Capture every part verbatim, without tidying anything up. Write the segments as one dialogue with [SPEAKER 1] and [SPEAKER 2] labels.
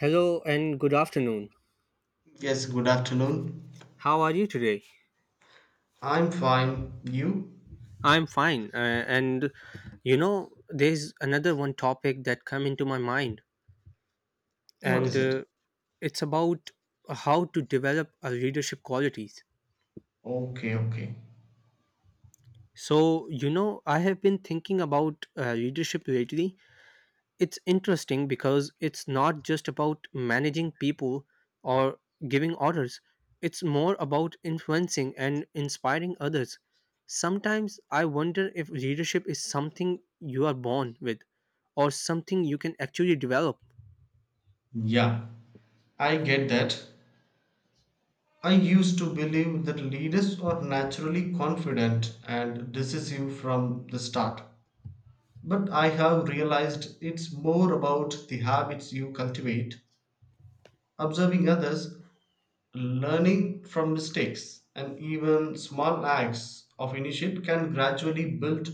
[SPEAKER 1] Hello and good afternoon.
[SPEAKER 2] Yes, good afternoon.
[SPEAKER 1] How are you today?
[SPEAKER 2] I'm fine. You?
[SPEAKER 1] I'm fine. Uh, and you know, there's another one topic that come into my mind,
[SPEAKER 2] What
[SPEAKER 1] and
[SPEAKER 2] is it?
[SPEAKER 1] uh, it's about how to develop our leadership qualities.
[SPEAKER 2] Okay, okay.
[SPEAKER 1] So you know, I have been thinking about uh, leadership lately. It's interesting because it's not just about managing people or giving orders, it's more about influencing and inspiring others. Sometimes I wonder if leadership is something you are born with or something you can actually develop.
[SPEAKER 2] Yeah, I get that. I used to believe that leaders are naturally confident and decisive from the start. But I have realized it's more about the habits you cultivate, observing others, learning from mistakes, and even small acts of initiative can gradually build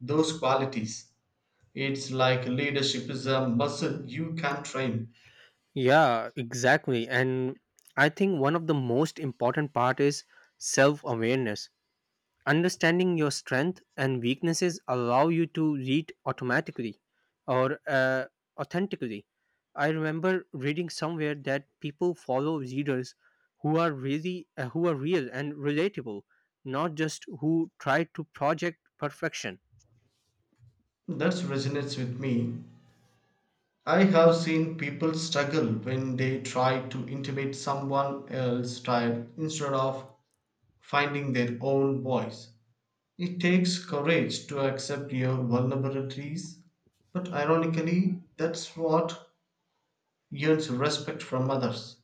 [SPEAKER 2] those qualities. It's like leadership is a muscle you can train.
[SPEAKER 1] Yeah, exactly. And I think one of the most important part is self-awareness. Understanding your strength and weaknesses allow you to read automatically or uh, authentically. I remember reading somewhere that people follow readers who are really uh, who are real and relatable, not just who try to project perfection.
[SPEAKER 2] That resonates with me. I have seen people struggle when they try to intimate someone else's style instead of finding their own voice. It takes courage to accept your vulnerabilities, but ironically, that's what earns respect from others.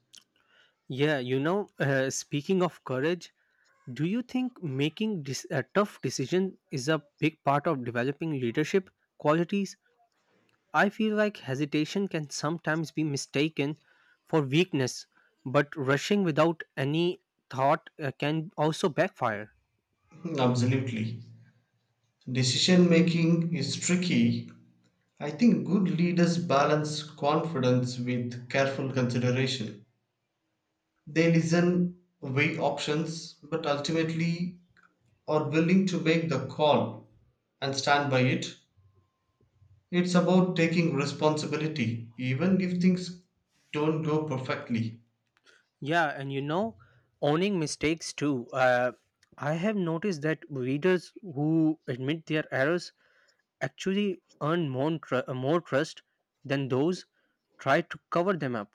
[SPEAKER 1] yeah you know uh, Speaking of courage, do you think making dis- a tough decision is a big part of developing leadership qualities? I feel like hesitation can sometimes be mistaken for weakness, but rushing without any thought uh, can also backfire.
[SPEAKER 2] Absolutely. Decision making is tricky. I think good leaders balance confidence with careful consideration. They listen, weigh options, but ultimately are willing to make the call and stand by it. It's about taking responsibility, even if things don't go perfectly.
[SPEAKER 1] Yeah, and you know, owning mistakes too. Uh, I have noticed that readers who admit their errors actually earn more, tr- uh, more trust than those try to cover them up.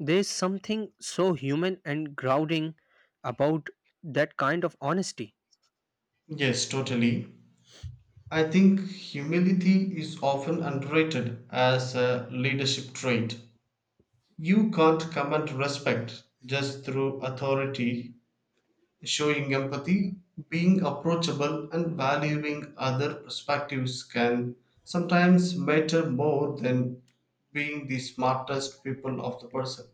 [SPEAKER 1] There's something so human and grounding about that kind of honesty.
[SPEAKER 2] Yes, totally. I think humility is often underrated as a leadership trait. You can't command respect just through authority. Showing empathy, being approachable, and valuing other perspectives can sometimes matter more than being the smartest people of the person.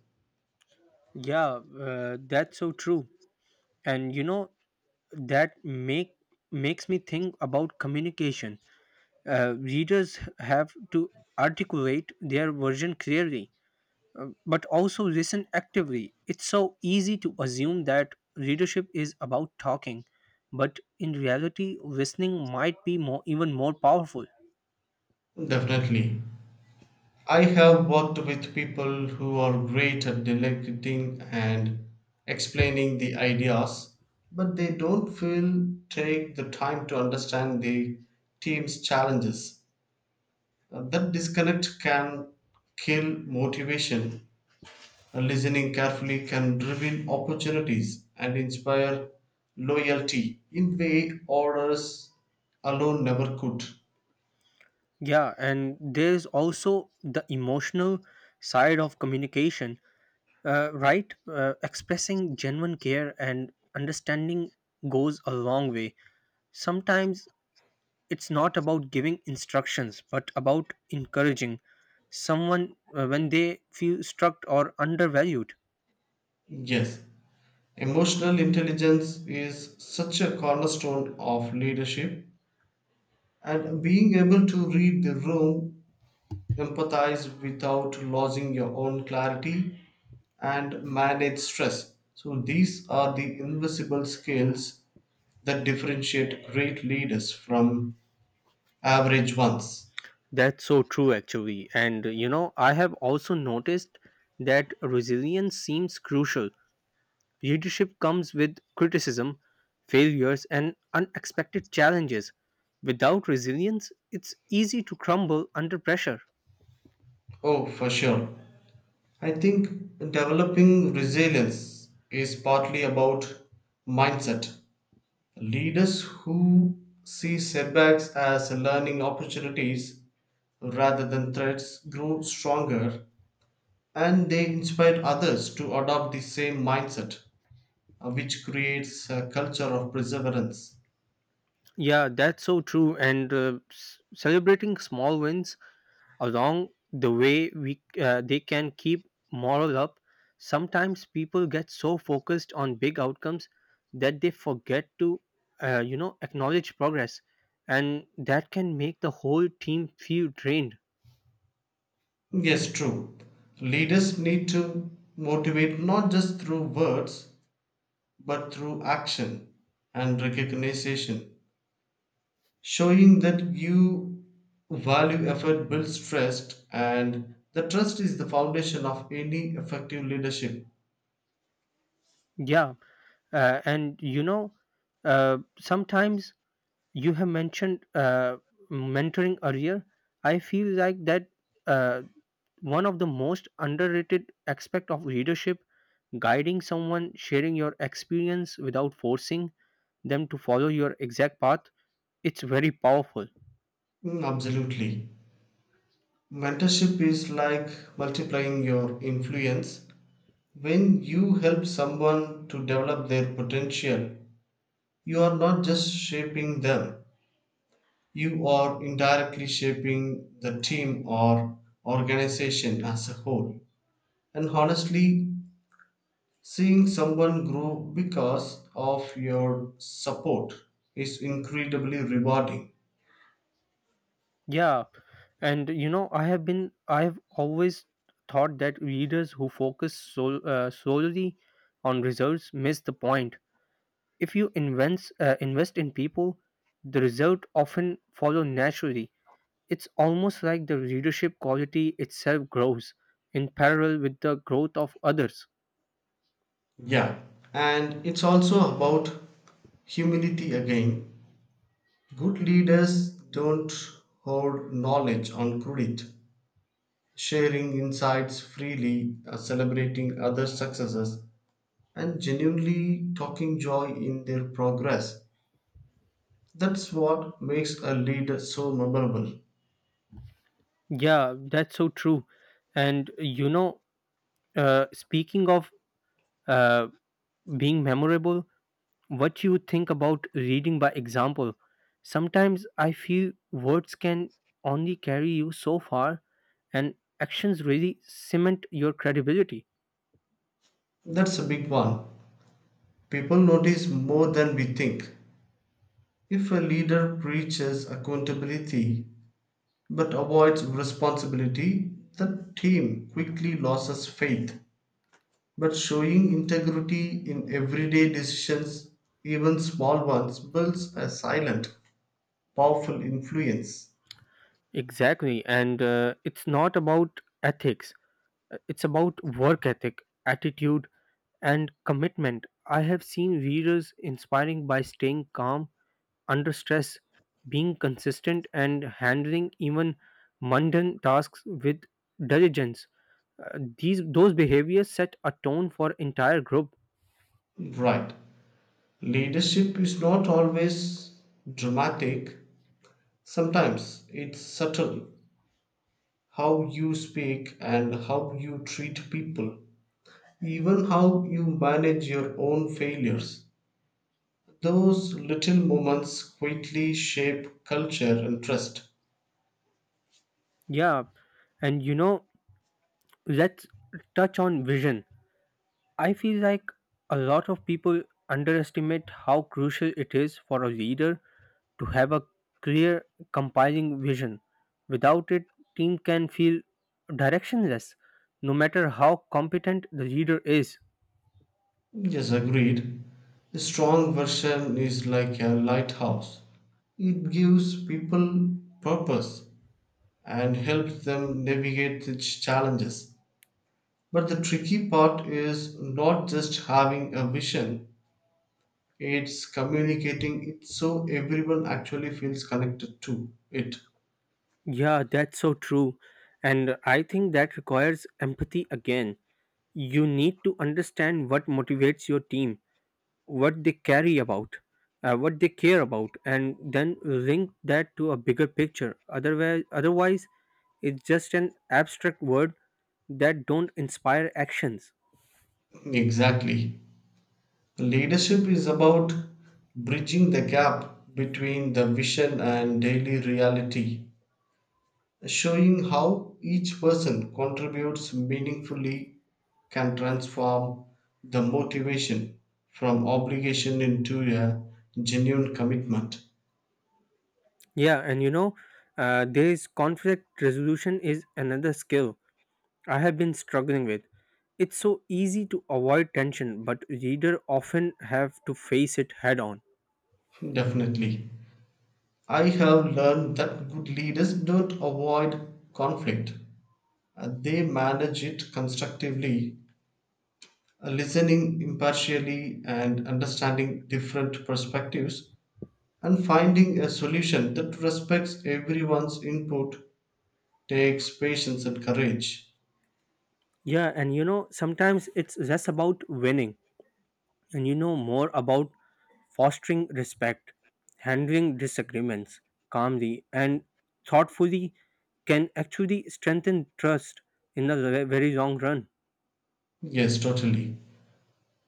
[SPEAKER 1] Yeah, uh, that's so true. And you know, that make makes me think about communication. Uh, readers have to articulate their version clearly, uh, but also listen actively. It's so easy to assume that readership is about talking, but in reality listening might be more even more powerful.
[SPEAKER 2] Definitely. I have worked with people who are great at delegating and explaining the ideas, but they don't feel take the time to understand the team's challenges. Uh, That disconnect can kill motivation. And listening carefully can reveal opportunities and inspire loyalty in way orders alone never could.
[SPEAKER 1] Yeah, and there's also the emotional side of communication. Uh, right? Uh, expressing genuine care and understanding goes a long way. Sometimes it's not about giving instructions, but about encouraging someone uh, when they feel struck or undervalued.
[SPEAKER 2] Yes, emotional intelligence is such a cornerstone of leadership, and being able to read the room, empathize without losing your own clarity, and manage stress. So, these are the invisible skills that differentiate great leaders from average ones.
[SPEAKER 1] That's so true, actually. And uh, you know, I have also noticed that resilience seems crucial. Leadership comes with criticism, failures, and unexpected challenges. Without resilience, it's easy to crumble under pressure.
[SPEAKER 2] Oh, for sure. I think developing resilience is partly about mindset. Leaders who see setbacks as learning opportunities rather than threats grow stronger, and they inspire others to adopt the same mindset, uh, which creates a culture of perseverance.
[SPEAKER 1] Yeah, that's so true. And uh, s- celebrating small wins along the way, we uh, they can keep morale up. Sometimes people get so focused on big outcomes that they forget to, uh, you know, acknowledge progress, and that can make the whole team feel drained.
[SPEAKER 2] Yes, true. Leaders need to motivate not just through words but through action and recognition. Showing that you value effort builds trust, and the trust is the foundation of any effective leadership.
[SPEAKER 1] Yeah, uh, and you know, uh, sometimes you have mentioned uh, mentoring earlier. I feel like that uh, one of the most underrated aspect of leadership: guiding someone, sharing your experience without forcing them to follow your exact path. It's very powerful.
[SPEAKER 2] Mm, absolutely. Mentorship is like multiplying your influence. When you help someone to develop their potential, you are not just shaping them, you are indirectly shaping the team or organization as a whole. And honestly, seeing someone grow because of your support is incredibly rewarding.
[SPEAKER 1] Yeah, and you know, i have been i have always thought that leaders who focus sol- uh, solely on results miss the point. If you invest uh, invest in people, the result often follow naturally. It's almost like the readership quality itself grows in parallel with the growth of others.
[SPEAKER 2] Yeah, and it's also about humility again. Good leaders don't hoard knowledge on credit, sharing insights freely, uh, celebrating other successes, and genuinely talking joy in their progress. That's what makes a leader so memorable.
[SPEAKER 1] Yeah, that's so true. And you know, uh, speaking of uh, being memorable, what you think about reading by example? Sometimes I feel words can only carry you so far, and actions really cement your credibility.
[SPEAKER 2] That's a big one. People notice more than we think. If a leader preaches accountability but avoids responsibility, the team quickly loses faith. But showing integrity in everyday decisions, even small ones, builds a silent, powerful influence.
[SPEAKER 1] Exactly. And uh, it's not about ethics, uh, it's about work ethic, attitude and commitment. I have seen readers inspiring by staying calm under stress, being consistent, and handling even mundane tasks with diligence. Uh, these those behaviors set a tone for entire group.
[SPEAKER 2] Right. Leadership is not always dramatic, sometimes it's subtle. How you speak and how you treat people, even how you manage your own failures. Those little moments quietly shape culture and trust.
[SPEAKER 1] Yeah, and you know, let's touch on vision. I feel like a lot of people underestimate how crucial it is for a leader to have a clear compiling vision. Without it, team can feel directionless, no matter how competent the leader is.
[SPEAKER 2] Yes, agreed. A strong version is like a lighthouse, it gives people purpose and helps them navigate the ch- challenges. But the tricky part is not just having a vision, it's communicating it so everyone actually feels connected to it.
[SPEAKER 1] Yeah, that's so true. And I think that requires empathy again. You need to understand what motivates your team, what they carry about, uh, what they care about, and then link that to a bigger picture. Otherwise, otherwise, it's just an abstract word that don't inspire actions.
[SPEAKER 2] Exactly. Leadership is about bridging the gap between the vision and daily reality, showing how each person contributes meaningfully can transform the motivation from obligation into a genuine commitment.
[SPEAKER 1] Yeah, and you know, uh, there's conflict resolution is another skill I have been struggling with. It's so easy to avoid tension, but reader often have to face it head on.
[SPEAKER 2] Definitely. I have learned that good leaders don't avoid conflict, uh, they manage it constructively, uh, listening impartially and understanding different perspectives, and finding a solution that respects everyone's input takes patience and courage.
[SPEAKER 1] Yeah, and you know, sometimes it's less about winning and you know more about fostering respect. Handling disagreements calmly and thoughtfully can actually strengthen trust in the ve- very long run.
[SPEAKER 2] Yes, totally.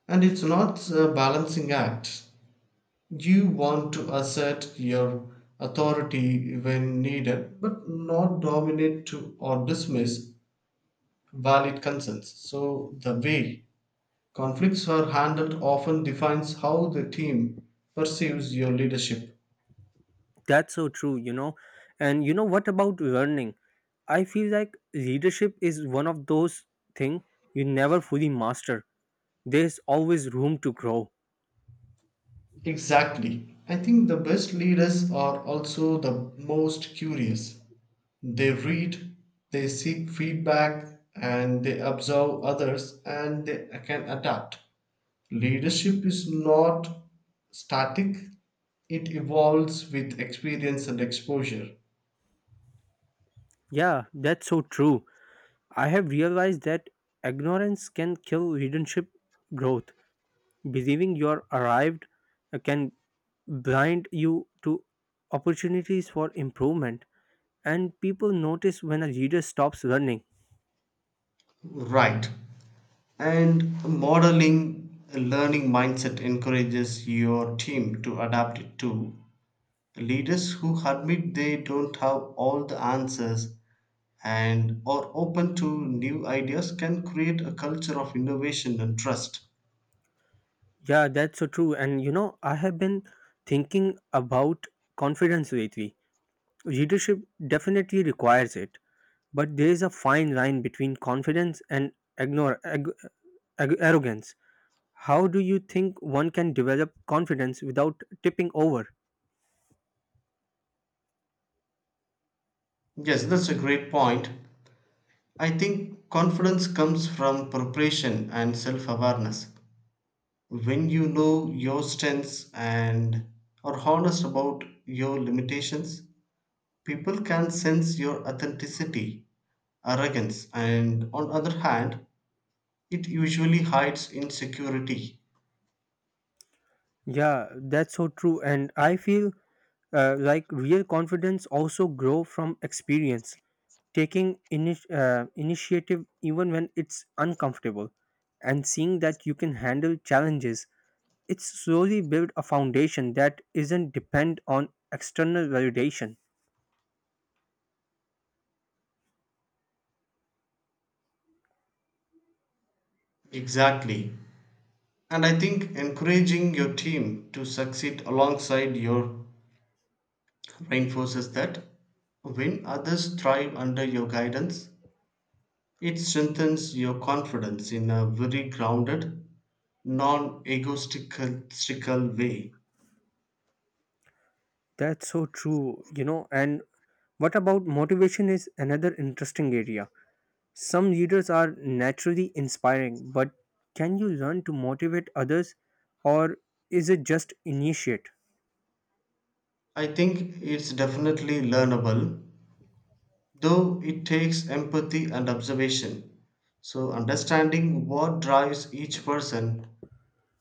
[SPEAKER 2] And it's not a balancing act. You want to assert your authority when needed, but not dominate to or dismiss valid concerns. So the way conflicts are handled often defines how the team perceives your leadership.
[SPEAKER 1] That's so true, you know. And you know what about learning? I feel like leadership is one of those things you never fully master. There's always room to grow.
[SPEAKER 2] Exactly. I think the best leaders are also the most curious. They read, they seek feedback, and they observe others and they can adapt. Leadership is not static, it evolves with experience and exposure.
[SPEAKER 1] Yeah, that's so true. I have realized that ignorance can kill leadership growth. Believing you're arrived uh, can blind you to opportunities for improvement. And people notice when a leader stops learning.
[SPEAKER 2] Right. And modeling a learning mindset encourages your team to adapt it to leaders who admit they don't have all the answers and are open to new ideas can create a culture of innovation and trust.
[SPEAKER 1] Yeah, that's so true. And you know, I have been thinking about confidence lately. Leadership definitely requires it, but there is a fine line between confidence and ignore, ag, ag, arrogance. How do you think one can develop confidence without tipping over?
[SPEAKER 2] Yes, that's a great point. I think confidence comes from preparation and self awareness. When you know your strengths and are honest about your limitations, people can sense your authenticity, arrogance, and on other hand, it usually hides insecurity.
[SPEAKER 1] Yeah, that's so true. And I feel uh, like real confidence also grow from experience. Taking init- uh, initiative even when it's uncomfortable and seeing that you can handle challenges, it's slowly build a foundation that isn't depend on external validation.
[SPEAKER 2] Exactly. And I think encouraging your team to succeed alongside your reinforces that when others thrive under your guidance, it strengthens your confidence in a very grounded, non egotistical way.
[SPEAKER 1] That's so true, you know. And what about motivation is another interesting area? Some leaders are naturally inspiring, but can you learn to motivate others, or is it just initiate?
[SPEAKER 2] I think it's definitely learnable though it takes empathy and observation. So, understanding what drives each person,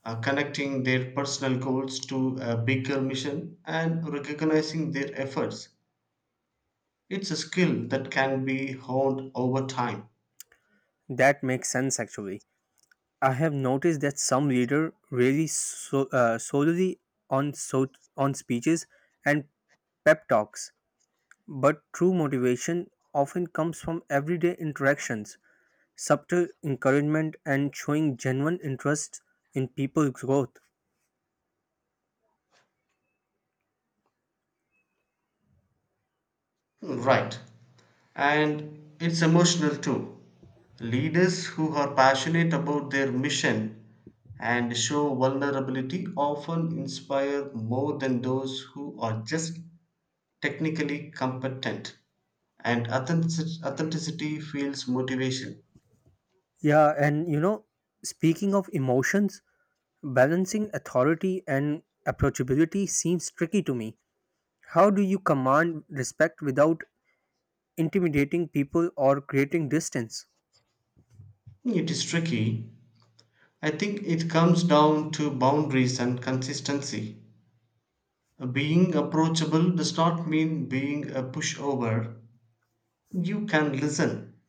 [SPEAKER 2] uh, connecting their personal goals to a bigger mission, and recognizing their efforts. It's a skill that can be honed over time.
[SPEAKER 1] That makes sense, actually. I have noticed that some leaders really so, uh, solely on so, on speeches and pep talks, but true motivation often comes from everyday interactions, subtle encouragement, and showing genuine interest in people's growth.
[SPEAKER 2] Right. And it's emotional too. Leaders who are passionate about their mission and show vulnerability often inspire more than those who are just technically competent and authentic- authenticity feels motivation.
[SPEAKER 1] Yeah, and you know, speaking of emotions, balancing authority and approachability seems tricky to me. How do you command respect without intimidating people or creating distance?
[SPEAKER 2] It is tricky. I think it comes down to boundaries and consistency. Being approachable does not mean being a pushover. You can listen,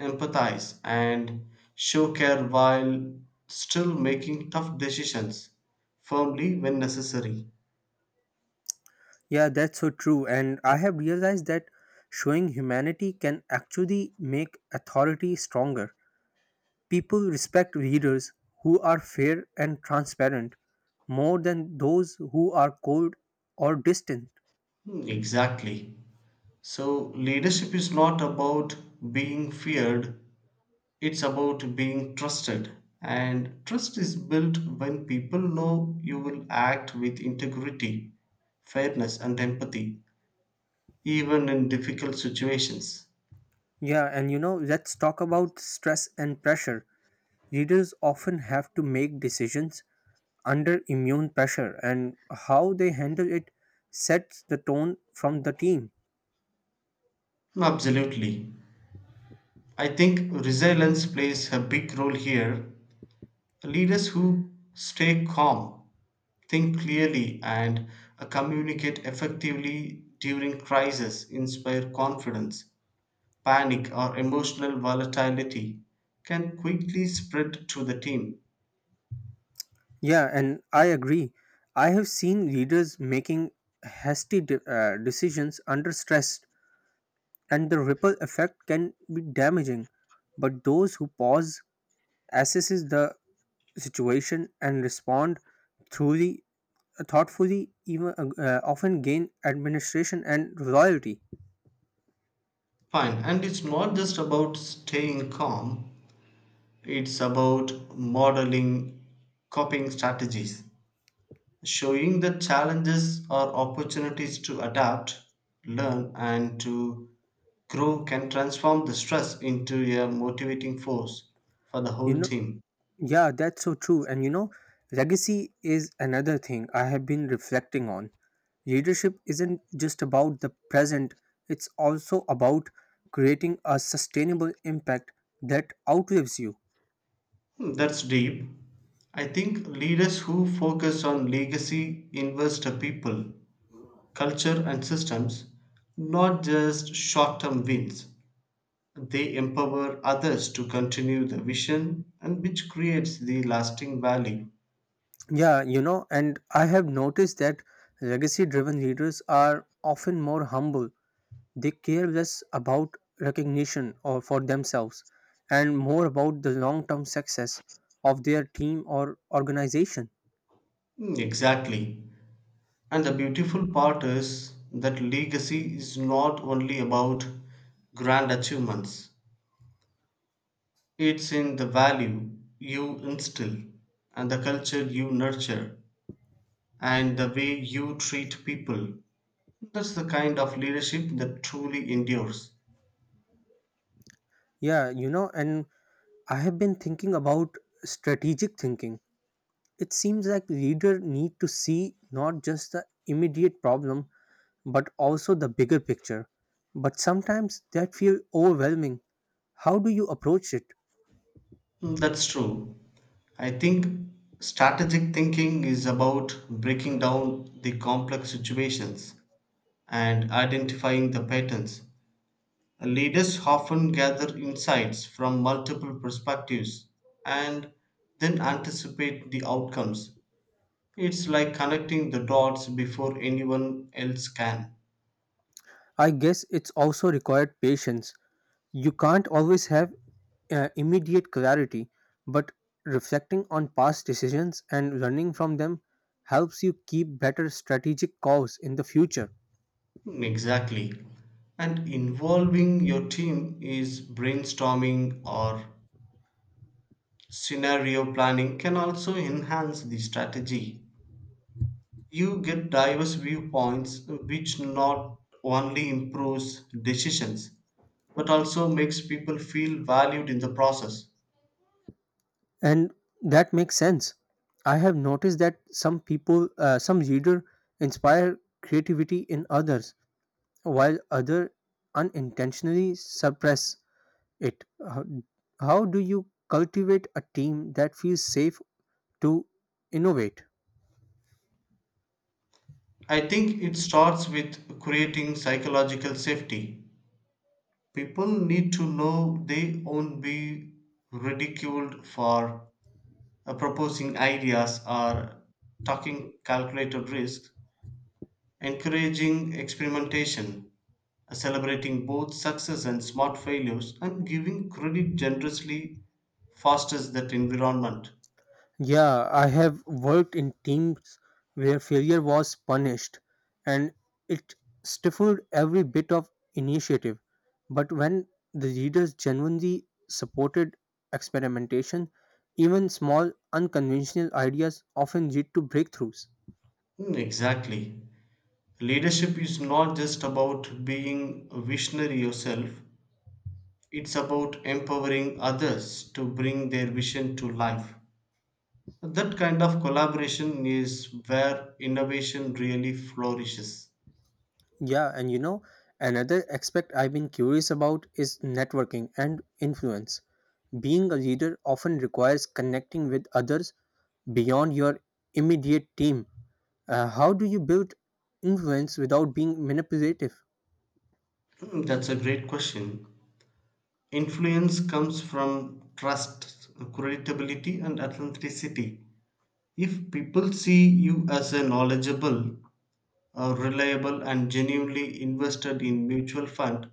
[SPEAKER 2] empathize, and show care while still making tough decisions firmly when necessary.
[SPEAKER 1] Yeah, that's so true. And I have realized that showing humanity can actually make authority stronger. People respect leaders who are fair and transparent more than those who are cold or distant.
[SPEAKER 2] Hmm, exactly. So, leadership is not about being feared, it's about being trusted, and trust is built when people know you will act with integrity, fairness, and empathy, even in difficult situations.
[SPEAKER 1] Yeah, and you know, let's talk about stress and pressure. Leaders often have to make decisions under immune pressure, and how they handle it sets the tone from the team.
[SPEAKER 2] No, absolutely. I think resilience plays a big role here. Leaders who stay calm, think clearly, and uh, communicate effectively during crisis inspire confidence. Panic or emotional volatility can quickly spread to the team.
[SPEAKER 1] Yeah, and I agree. I have seen leaders making hasty de- uh, decisions under stress, and the ripple effect can be damaging. But those who pause, assesses the situation, and respond truly thoughtfully, even uh, often gain administration and loyalty.
[SPEAKER 2] Fine, and it's not just about staying calm, it's about modeling coping strategies, showing the challenges or opportunities to adapt, learn, and to grow can transform the stress into a motivating force for the
[SPEAKER 1] You
[SPEAKER 2] whole
[SPEAKER 1] know.
[SPEAKER 2] team.
[SPEAKER 1] Yeah, that's so true. And you know, legacy is another thing I have been reflecting on. Leadership isn't just about the present, it's also about creating a sustainable impact that outlives you.
[SPEAKER 2] Hmm, that's deep. I think leaders who focus on legacy invest the people culture and systems, not just short term wins. They empower others to continue the vision and which creates the lasting value.
[SPEAKER 1] Yeah, you know, and I have noticed that legacy driven leaders are often more humble. They care less about recognition or for themselves and more about the long term success of their team or organization.
[SPEAKER 2] Mm, exactly. And the beautiful part is that legacy is not only about grand achievements, it's in the value you instill and the culture you nurture and the way you treat people. That's the kind of leadership that truly endures.
[SPEAKER 1] Yeah, you know, and I have been thinking about strategic thinking. It seems like leaders need to see not just the immediate problem but also the bigger picture. But sometimes that feels overwhelming. How do you approach it?
[SPEAKER 2] Mm, that's true. I think strategic thinking is about breaking down the complex situations and identifying the patterns. Leaders often gather insights from multiple perspectives and then anticipate the outcomes. It's like connecting the dots before anyone else can.
[SPEAKER 1] I guess it's also required patience. You can't always have uh, immediate clarity, but reflecting on past decisions and learning from them helps you keep better strategic calls in the future.
[SPEAKER 2] Mm, exactly. And involving your team is brainstorming or scenario planning can also enhance the strategy. You get diverse viewpoints, which not only improves decisions but also makes people feel valued in the process.
[SPEAKER 1] And that makes sense. I have noticed that some people uh, some reader inspire creativity in others while other unintentionally suppress it. how, how do you cultivate a team that feels safe to innovate?
[SPEAKER 2] I think it starts with creating psychological safety. People need to know they won't be ridiculed for uh, proposing ideas or taking calculated risks, encouraging experimentation, celebrating both success and smart failures, and giving credit generously fosters that environment.
[SPEAKER 1] Yeah, I have worked in teams where failure was punished and it stifled every bit of initiative. But when the leaders genuinely supported experimentation, even small unconventional ideas often lead to breakthroughs.
[SPEAKER 2] Mm, exactly. Leadership is not just about being a visionary yourself, it's about empowering others to bring their vision to life. That kind of collaboration is where innovation really flourishes.
[SPEAKER 1] Yeah, and you know, another aspect I've been curious about is networking and influence. Being a leader often requires connecting with others beyond your immediate team. Uh, how do you build influence without being manipulative?
[SPEAKER 2] Hmm, that's a great question. Influence comes from trust, credibility, and authenticity. If people see you as a knowledgeable, uh, reliable, and genuinely invested in mutual fund,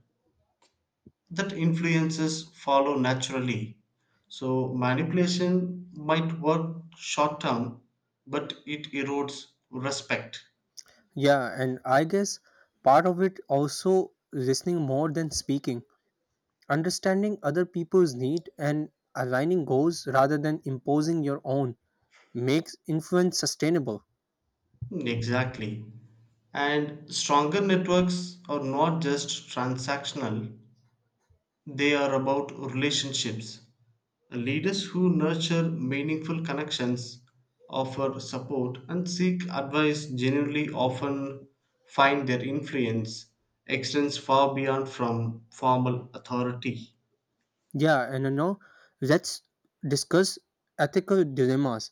[SPEAKER 2] that influences follow naturally. So manipulation might work short term, but it erodes respect.
[SPEAKER 1] Yeah, and I guess part of it also listening more than speaking, understanding other people's need and aligning goals rather than imposing your own makes influence sustainable.
[SPEAKER 2] Hmm, exactly. And stronger networks are not just transactional, they are about relationships. Leaders who nurture meaningful connections, offer support, and seek advice genuinely often find their influence extends far beyond from formal authority.
[SPEAKER 1] Yeah, and you know, let's discuss ethical dilemmas.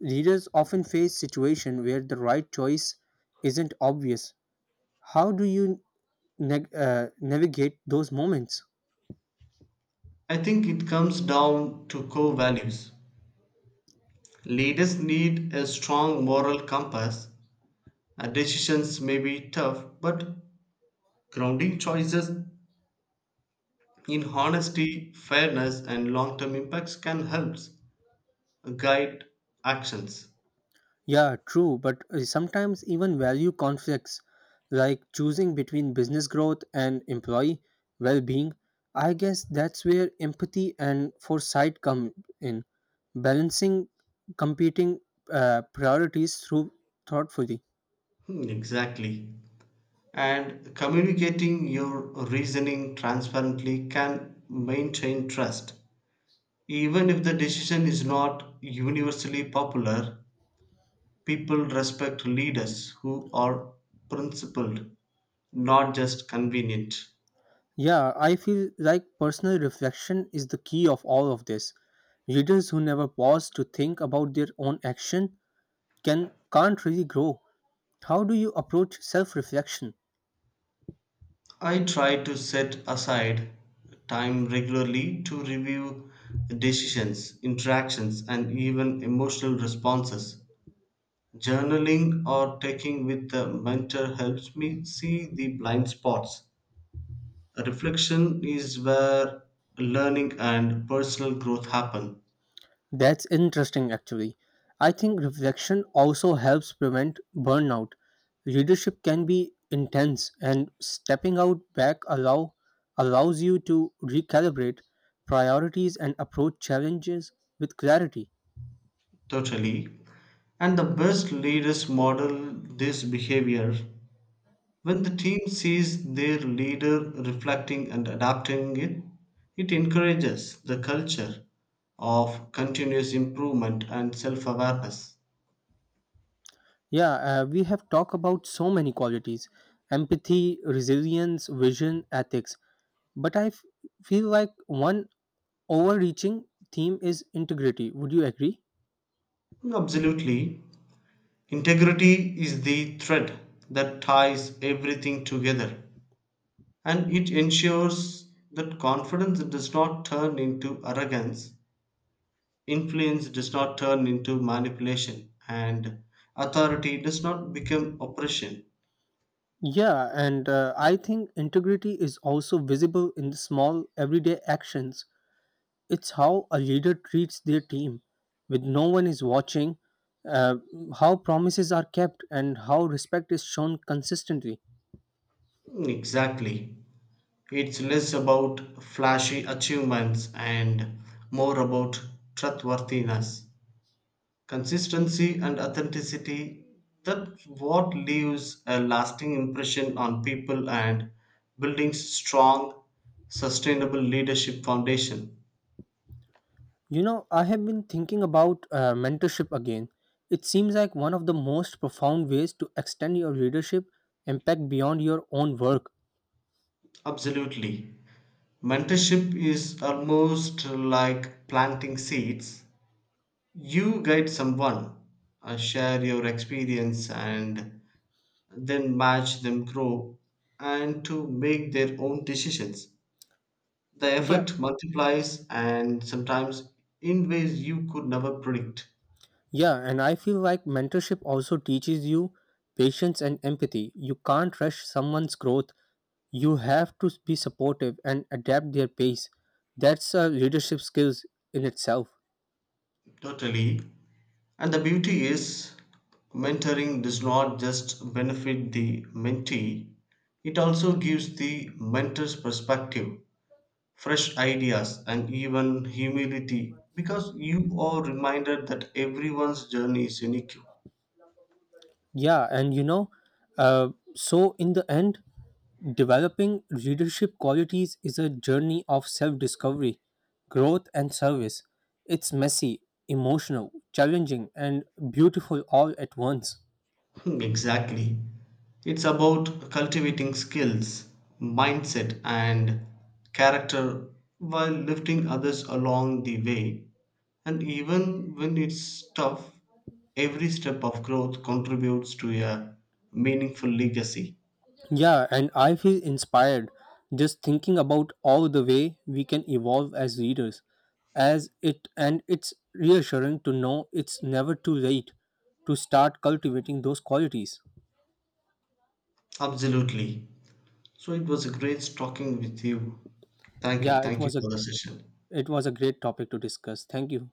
[SPEAKER 1] Leaders often face situation where the right choice isn't obvious. How do you neg- uh, navigate those moments.
[SPEAKER 2] I think it comes down to core values. Leaders need a strong moral compass. Uh, Decisions may be tough, but grounding choices in honesty, fairness, and long term impacts can help guide actions.
[SPEAKER 1] Yeah, true, but uh, sometimes even value conflicts, like choosing between business growth and employee well being. I guess that's where empathy and foresight come in, balancing competing uh, priorities through thoughtfully.
[SPEAKER 2] Hmm, exactly. And communicating your reasoning transparently can maintain trust, even if the decision is not universally popular. People respect leaders who are principled, not just convenient.
[SPEAKER 1] Yeah, I feel like personal reflection is the key of all of this. Readers who never pause to think about their own action can can't really grow. How do you approach self reflection?
[SPEAKER 2] I try to set aside time regularly to review decisions, interactions, and even emotional responses. Journaling or taking with the mentor helps me see the blind spots. Reflection is where learning and personal growth happen.
[SPEAKER 1] That's interesting, actually. I think reflection also helps prevent burnout. Leadership can be intense, and stepping out back allow, allows you to recalibrate priorities and approach challenges with clarity.
[SPEAKER 2] Totally. And the best leaders model this behavior. When the team sees their leader reflecting and adapting it, it encourages the culture of continuous improvement and self awareness.
[SPEAKER 1] Yeah, uh, we have talked about so many qualities: empathy, resilience, vision, ethics. But I f- feel like one overreaching theme is integrity. Would you agree?
[SPEAKER 2] Absolutely. Integrity is the thread that ties everything together, and it ensures that confidence does not turn into arrogance, influence does not turn into manipulation, and authority does not become oppression.
[SPEAKER 1] Yeah, and uh, I think integrity is also visible in the small everyday actions. It's how a leader treats their team with no one is watching, uh, how promises are kept, and how respect is shown consistently.
[SPEAKER 2] Exactly. It's less about flashy achievements and more about trustworthiness, consistency, and authenticity. That's what leaves a lasting impression on people and building strong sustainable leadership foundation.
[SPEAKER 1] You know, I have been thinking about uh, mentorship again. It seems like one of the most profound ways to extend your leadership impact beyond your own work.
[SPEAKER 2] Absolutely. Mentorship is almost like planting seeds. You guide someone, uh, share your experience, and then match them grow and to make their own decisions. The
[SPEAKER 1] Yeah.
[SPEAKER 2] effect multiplies and sometimes in ways you could never predict.
[SPEAKER 1] Yeah, and I feel like mentorship also teaches you patience and empathy. You can't rush someone's growth. You have to be supportive and adapt their pace. That's a leadership skills in itself.
[SPEAKER 2] Totally. And the beauty is, mentoring does not just benefit the mentee, it also gives the mentor's perspective, fresh ideas, and even humility because you are reminded that everyone's journey is unique.
[SPEAKER 1] Yeah, and you know, uh, so in the end, developing leadership qualities is a journey of self-discovery, growth, and service. It's messy, emotional, challenging, and beautiful all at once.
[SPEAKER 2] Hmm, exactly. It's about cultivating skills, mindset, and character while lifting others along the way. And even when it's tough, every step of growth contributes to a meaningful legacy.
[SPEAKER 1] Yeah, and I feel inspired just thinking about all the way we can evolve as readers. As it, and it's reassuring to know it's never too late to start cultivating those qualities.
[SPEAKER 2] Absolutely. So it was a great talking with you. Thank you.
[SPEAKER 1] Yeah, it
[SPEAKER 2] Thank you
[SPEAKER 1] was a
[SPEAKER 2] for the session.
[SPEAKER 1] it was a great topic to discuss. Thank you.